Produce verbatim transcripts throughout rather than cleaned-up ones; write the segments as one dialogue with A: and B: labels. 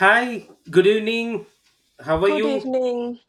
A: Hi, good evening. How are
B: Good
A: you?
B: evening.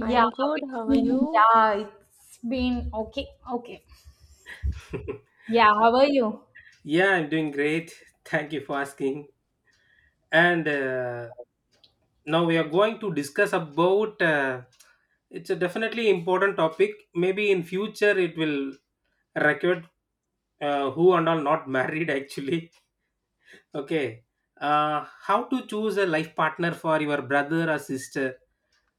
B: I am good.
C: good
B: How are
C: evening.
B: you?
C: Yeah, it's been okay. Okay. Yeah, how are you?
A: Yeah, I'm doing great. Thank you for asking. And uh, Now we are going to discuss about uh, it's a definitely important topic. Maybe in future it will record uh, who and all not married actually. Okay. Uh, how to choose a life partner for your brother or sister?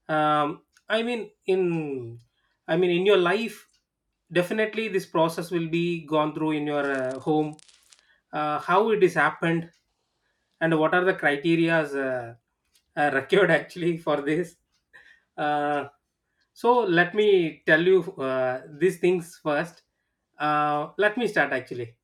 A: Um, I mean, in I mean, in your life, definitely this process will be gone through in your uh, home. Uh, how it is happened, and what are the criterias uh, uh, required actually for this? Uh, so let me tell you uh, these things first. Uh, let me start actually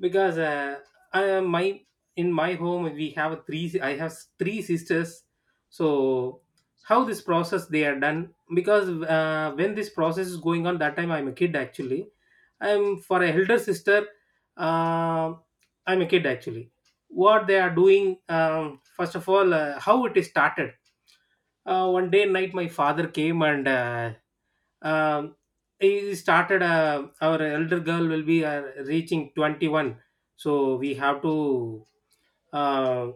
A: because uh, I, uh, my in my home we have three I have three sisters. So how this process they are done, because uh, when this process is going on that time I'm a kid actually. I'm for a elder sister. uh, I'm a kid actually. What they are doing? Um, first of all, uh, how it is started. Uh, one day night my father came and uh, um, he started, uh, our elder girl will be uh, reaching twenty-one, so we have to uh,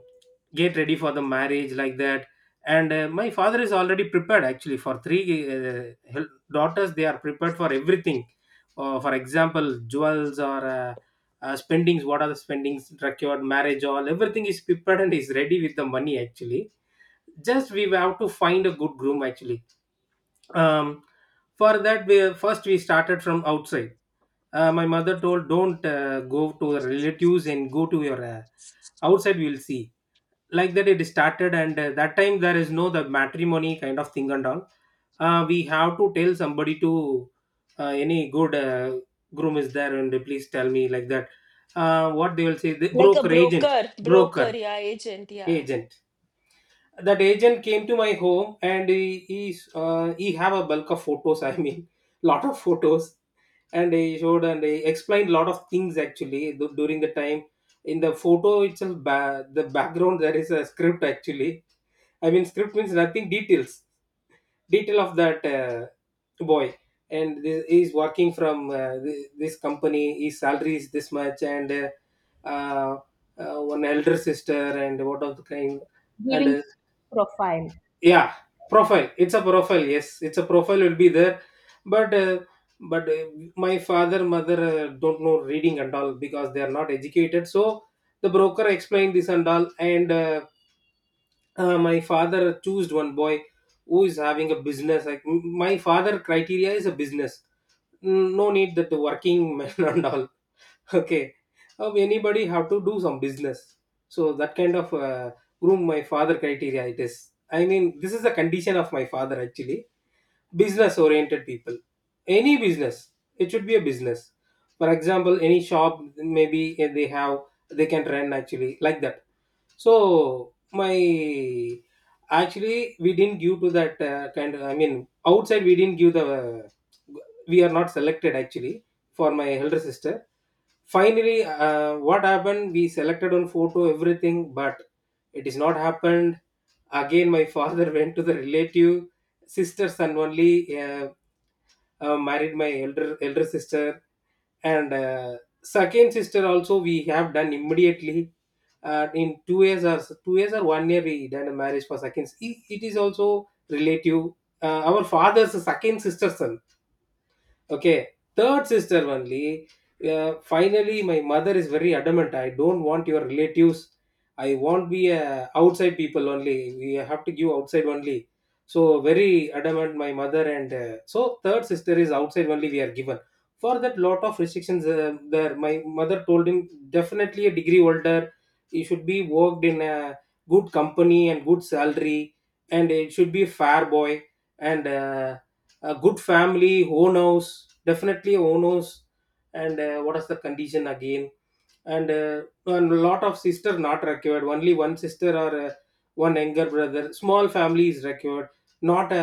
A: get ready for the marriage, like that. And uh, my father is already prepared actually for three uh, hel- daughters. They are prepared for everything, uh, for example jewels or uh, uh, spendings. What are the spendings required marriage all, everything is prepared and is ready with the money actually. Just we have to find a good groom actually. um, for that we first we started from outside. Uh, my mother told, don't uh, go to the relatives and go to your uh, outside, we will see. Like that it started. And uh, that time there is no the matrimony kind of thing and all. Uh, we have to tell somebody to, uh, any good uh, groom is there and they please tell me, like that. Uh, what they will say, the
B: Like a
A: broker agent,
B: broker, broker,
A: broker
B: yeah, agent, yeah.
A: agent. That agent came to my home and he he, uh, he have a bulk of photos, I mean lot of photos. And he showed and he explained lot of things actually du- during the time. In the photo itself ba- the background there is a script actually. I mean script means nothing, details. Detail of that uh, boy, and this, he's working from uh, thi- this company, his salary is this much and uh, uh, uh, one elder sister and what of the kind. And
C: Giving
A: uh,
C: profile.
A: yeah, profile. It's a profile, yes, it's a profile will be there. But uh, but uh, my father mother uh, don't know reading and all, because they are not educated. So the broker explained this and all. And uh, uh, my father chose one boy who is having a business. Like m- my father criteria is a business. Mm, no need that working man and all. Okay, of anybody have to do some business. So that kind of uh, groom, my father criteria it is. I mean, this is the condition of my father actually. Business oriented people, any business, it should be a business. For example, any shop, maybe if they have, they can run actually, like that. So my, actually we didn't give to that uh, kind of, I mean, outside we didn't give the, we are not selected actually for my elder sister. Finally uh, what happened, we selected on photo everything but it is not happened. Again my father went to the relative. Sister, son only uh, uh, married my elder elder sister. And uh, second sister also we have done immediately. Uh, in two years or two years or one year we done a marriage for second. It, it is also relative. Uh, our father's second sister son. Okay, third sister only. Uh, finally, my mother is very adamant. I don't want your relatives. I want be uh, outside people only. We have to give outside only. So very adamant, my mother. And uh, so third sister is outside only. We are given for that lot of restrictions. Uh, there, my mother told him, definitely a degree older. He should be worked in a good company and good salary, and it should be fair boy and. Uh, a good family owners, definitely owners. And uh, what is the condition again, and uh, and a lot of sister not required, only one sister or uh, one younger brother, small family is required. Not a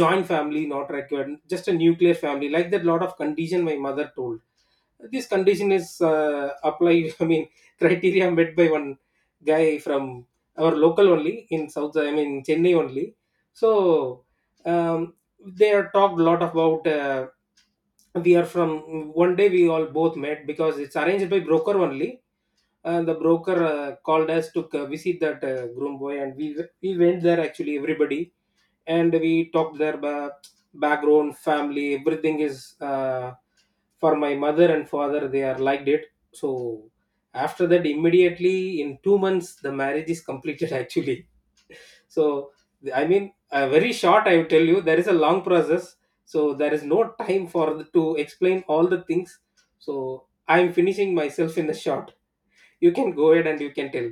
A: joint family, not required, just a nuclear family, like that lot of condition my mother told. This condition is uh, applied I mean, criteria met by one guy from our local only, in south, I mean Chennai only. So um, they are talked a lot about uh, we are from, one day we all both met, because it's arranged by broker only. And the broker uh, called us to uh, visit that uh, groom boy, and we we went there actually, everybody. And we talked their ba- background, family, everything is uh, for my mother and father, they are liked it. So after that immediately in two months the marriage is completed actually. So I mean uh, very short I will tell you, there is a long process. So there is no time for the, to explain all the things. So I am finishing myself in the short. You can go ahead and you can tell,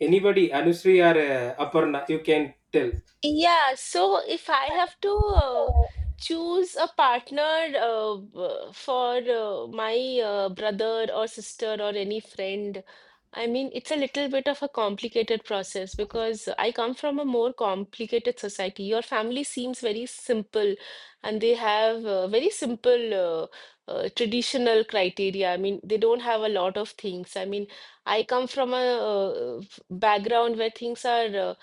A: anybody Anusri or uh, Aparna, you can tell.
B: Yeah, so if I have to uh, choose a partner uh, b- for uh, my uh, brother or sister or any friend, I mean, it's a little bit of a complicated process because I come from a more complicated society. Your family seems very simple and they have uh, very simple uh, uh, traditional criteria. I mean, they don't have a lot of things. I mean, I come from a uh, f- background where things are. uh,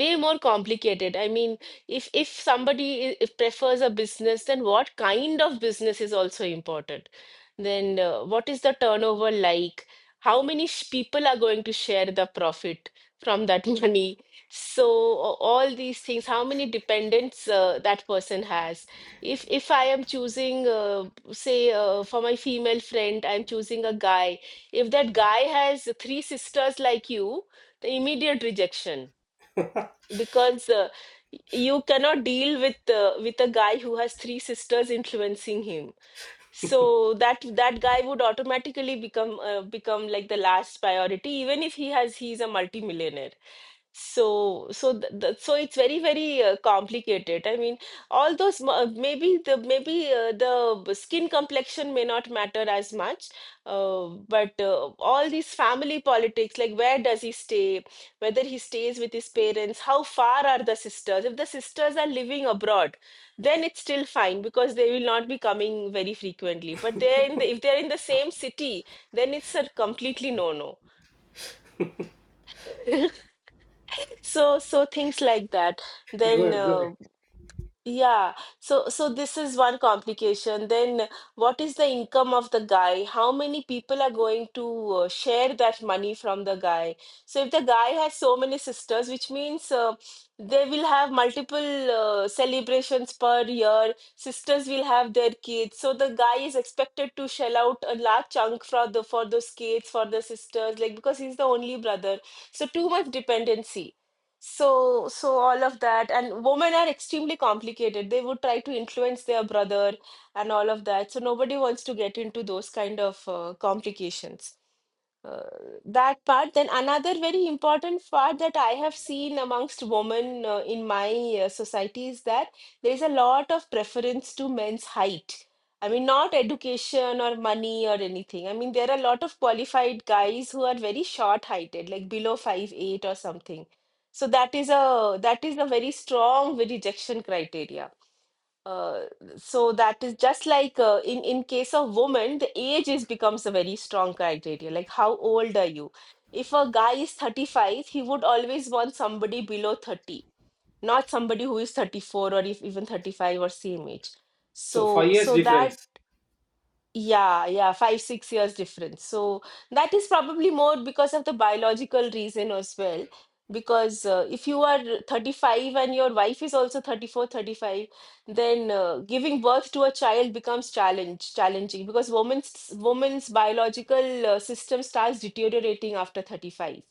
B: way more complicated. I mean, if if somebody i- if prefers a business, then what kind of business is also important? Then uh, what is the turnover like? How many sh people are going to share the profit from that money? So a- all these things, how many dependents uh, that person has? If if I am choosing, uh, say, uh, for my female friend, I'm choosing a guy. If that guy has three sisters like you, the immediate rejection because uh, you cannot deal with uh, with a guy who has three sisters influencing him so that that guy would automatically become uh, become like the last priority even if he has he's a multimillionaire. So, so th th so it's very, very uh, complicated. I mean, all those m- uh, maybe the maybe uh, the b- skin complexion may not matter as much, uh, but uh, all these family politics, like where does he stay, whether he stays with his parents, how far are the sisters? If the sisters are living abroad, then it's still fine because they will not be coming very frequently. But they're in the, if they're in the same city, then it's a completely no-no. So so things like that, then
A: Good, good.
B: uh, yeah, so so this is one complication. Then what is the income of the guy? How many people are going to uh, share that money from the guy? So if the guy has so many sisters, which means uh, they will have multiple uh, celebrations per year, sisters will have their kids, so the guy is expected to shell out a large chunk for the for those kids, for the sisters, like because he's the only brother. So too much dependency. So, so all of that, and women are extremely complicated. They would try to influence their brother and all of that. So nobody wants to get into those kind of uh, complications, uh, that part. Then another very important part that I have seen amongst women uh, in my uh, society is that there is a lot of preference to men's height. I mean, not education or money or anything. I mean, there are a lot of qualified guys who are very short-heighted, like below five eight or something. So that is a that is a very strong rejection criteria. Uh, so that is just like uh, in in case of women, the age is becomes a very strong criteria. Like how old are you? If a guy is thirty-five, he would always want somebody below thirty, not somebody who is thirty-four or if even thirty-five or same age.
A: So five
B: So
A: years
B: so that
A: difference.
B: yeah, yeah, five, six years difference. So that is probably more because of the biological reason as well. Because uh, if you are thirty-five and your wife is also thirty four, thirty five, then uh, giving birth to a child becomes challenge challenging because women's women's biological uh, system starts deteriorating after thirty-five.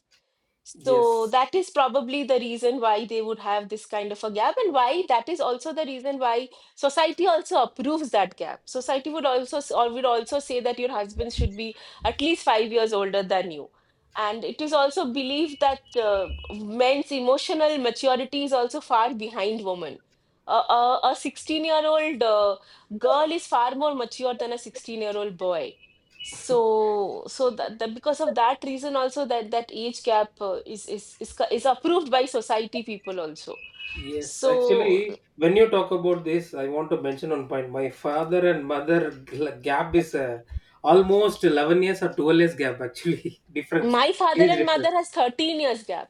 B: So
A: Yes,
B: that is probably the reason why they would have this kind of a gap, and why that is also the reason why society also approves that gap. Society would also s- or would also say that your husband should be at least five years older than you. And it is also believed that uh, men's emotional maturity is also far behind women. A, a, a sixteen year old uh, girl is far more mature than a sixteen year old boy. So, so that, that because of that reason also that that age gap uh, is is is co- is approved by society people also.
A: yes.
B: So
A: Actually, when you talk about this, I want to mention one point. My father and mother gl- gap is uh, almost eleven years or twelve years gap. Actually, difference,
B: my father
A: age
B: and mother
A: difference.
B: has thirteen years gap.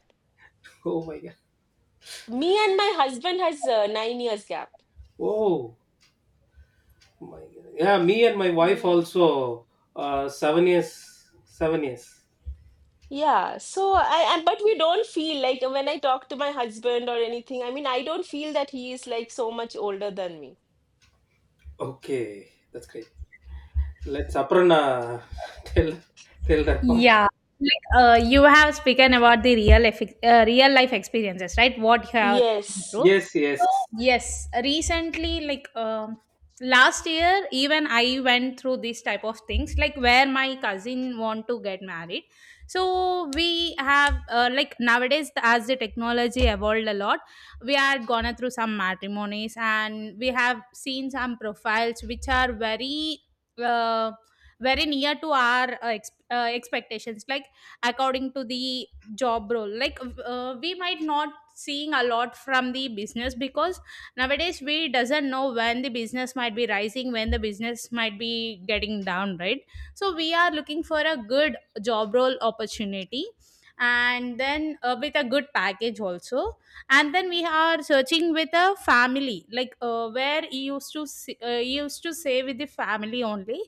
A: Oh my god.
B: Me and my husband has uh, nine years gap.
A: Oh my god. Yeah, me and my wife
B: Yeah.
A: also uh, seven years. Seven years.
B: Yeah. So I, I but we don't feel like when I talk to my husband or anything, I mean I don't feel that he is like so much older than me.
A: Okay, that's great. Let's Aparna tell tell that part.
C: Yeah. Like uh, you have spoken about the real effi- uh, real life experiences, right? What you are going
B: Yes.
C: through.
A: Yes, yes.
C: So yes, recently, like um, last year, even I went through this type of things, like where my cousin want to get married. So we have uh, nowadays as the technology lot, we had gone through some matrimonies, and we have seen some profiles which are very uh, very near to our uh, ex- uh, expectations, like according to the job role. Like uh, we might not seeing a lot from the business, because nowadays we doesn't know when the business might be rising, when the business might be getting down, right? So we are looking for a good job role opportunity, and then uh, with a good package also. And then we are searching with a family, like uh, where he used to s- uh, he used to say with the family only.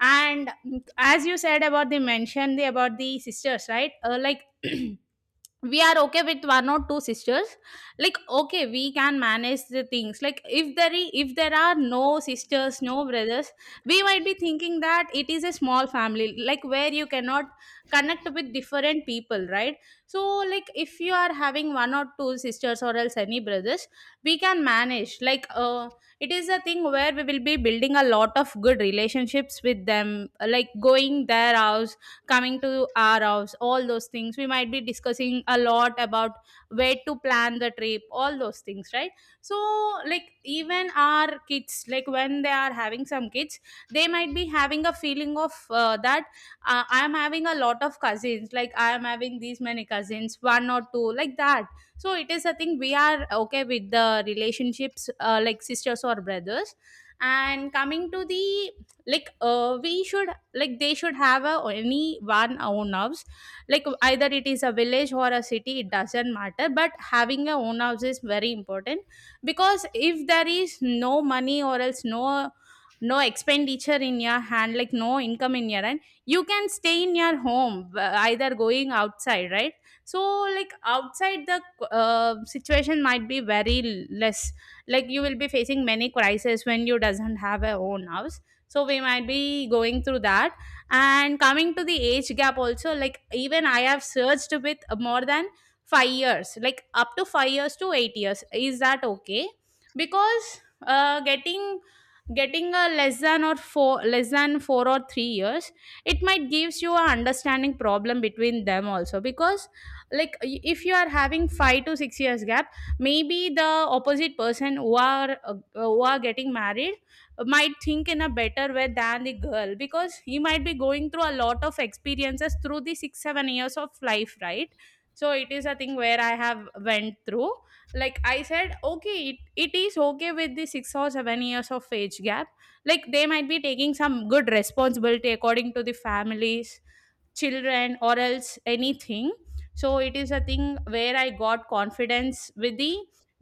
C: And mm, as you said about the mention the about the sisters, right? uh, like we are okay with one or two sisters. Like okay, we can manage the things. Like if there is, if there are no sisters, no brothers, we might be thinking that it is a small family, like where you cannot connect with different people, right? So like if you are having one or two sisters or else any brothers, we can manage. Like uh it is a thing where we will be building a lot of good relationships with them, like going their house, coming to our house. All those things, we might be discussing a lot about where to plan the trip, all those things, right? So, like even our kids, like when they are having some kids, they might be having a feeling of uh, that uh, I am having a lot of cousins, like I am having these many cousins, one or two, like that. So it is a thing, we are okay with the relationships uh, like sisters or brothers. And coming to the, like uh, we should, like they should have a any one own house. Like either it is a village or a city, it doesn't matter, but having a own house is very important. Because if there is no money, or else no no expenditure in your hand, like no income in your hand, you can stay in your home, uh, either going outside, right? So like outside the uh, situation might be very less. Like you will be facing many crises when you doesn't have a own house, so we might be going through that. And coming to the age gap also, like even I have searched with more than five years, like up to five years to eight years. Is that okay? Because uh, getting getting a less than or four less than four or three years, it might gives you a understanding problem between them also. Because like y- if you are having five to six years gap, maybe the opposite person who are uh, who are getting married might think in a better way than the girl, because he might be going through a lot of experiences through the six seven years of life, right? So it is a thing where I have went through. Like I said okay, it, it is okay with the six or seven years of age gap. Like they might be taking some good responsibility according to the families, children or else anything. So it is a thing where I got confidence with the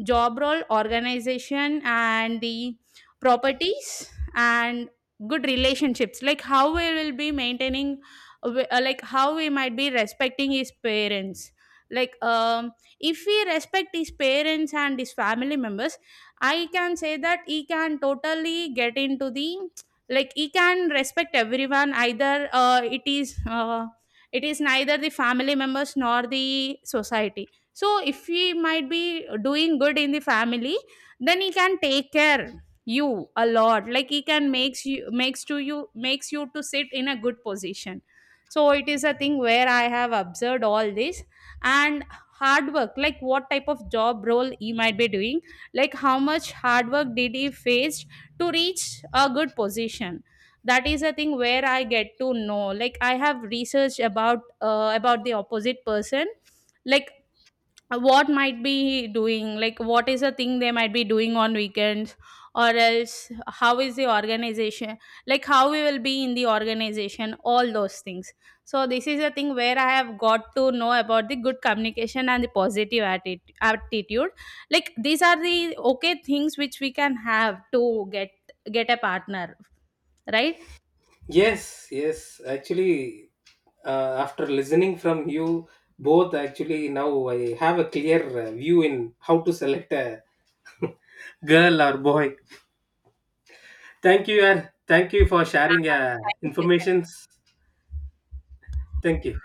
C: job role, organization, and the properties, and good relationships, like how we will be maintaining. wi- uh, like how we might be respecting his parents. Like um if we respect his parents and his family members, I can say that he can totally get into the, like he can respect everyone, either uh, it is uh, it is neither the family members nor the society. So if he might be doing good in the family, then he can take care you a lot, like he can makes you makes to you makes you to sit in a good position. So it is a thing where I have observed all this. And hard work, like what type of job role he might be doing, like how much hard work did he face to reach a good position. That is a thing where I get to know, like I have researched about uh, about the opposite person. Like uh, what might be doing, like what is the thing they might be doing on weekends, or else how is the organization, like how we will be in the organization, all those things. So this is a thing where I have got to know about the good communication and the positive atti- attitude. Like these are the okay things which we can have to get get a partner, right?
A: Yes, yes. Actually, uh, after listening from you both, actually now I have a clear uh, view in how to select a girl or boy. Thank you, and thank you for sharing uh,
C: Thank you.
A: informations. Thank you.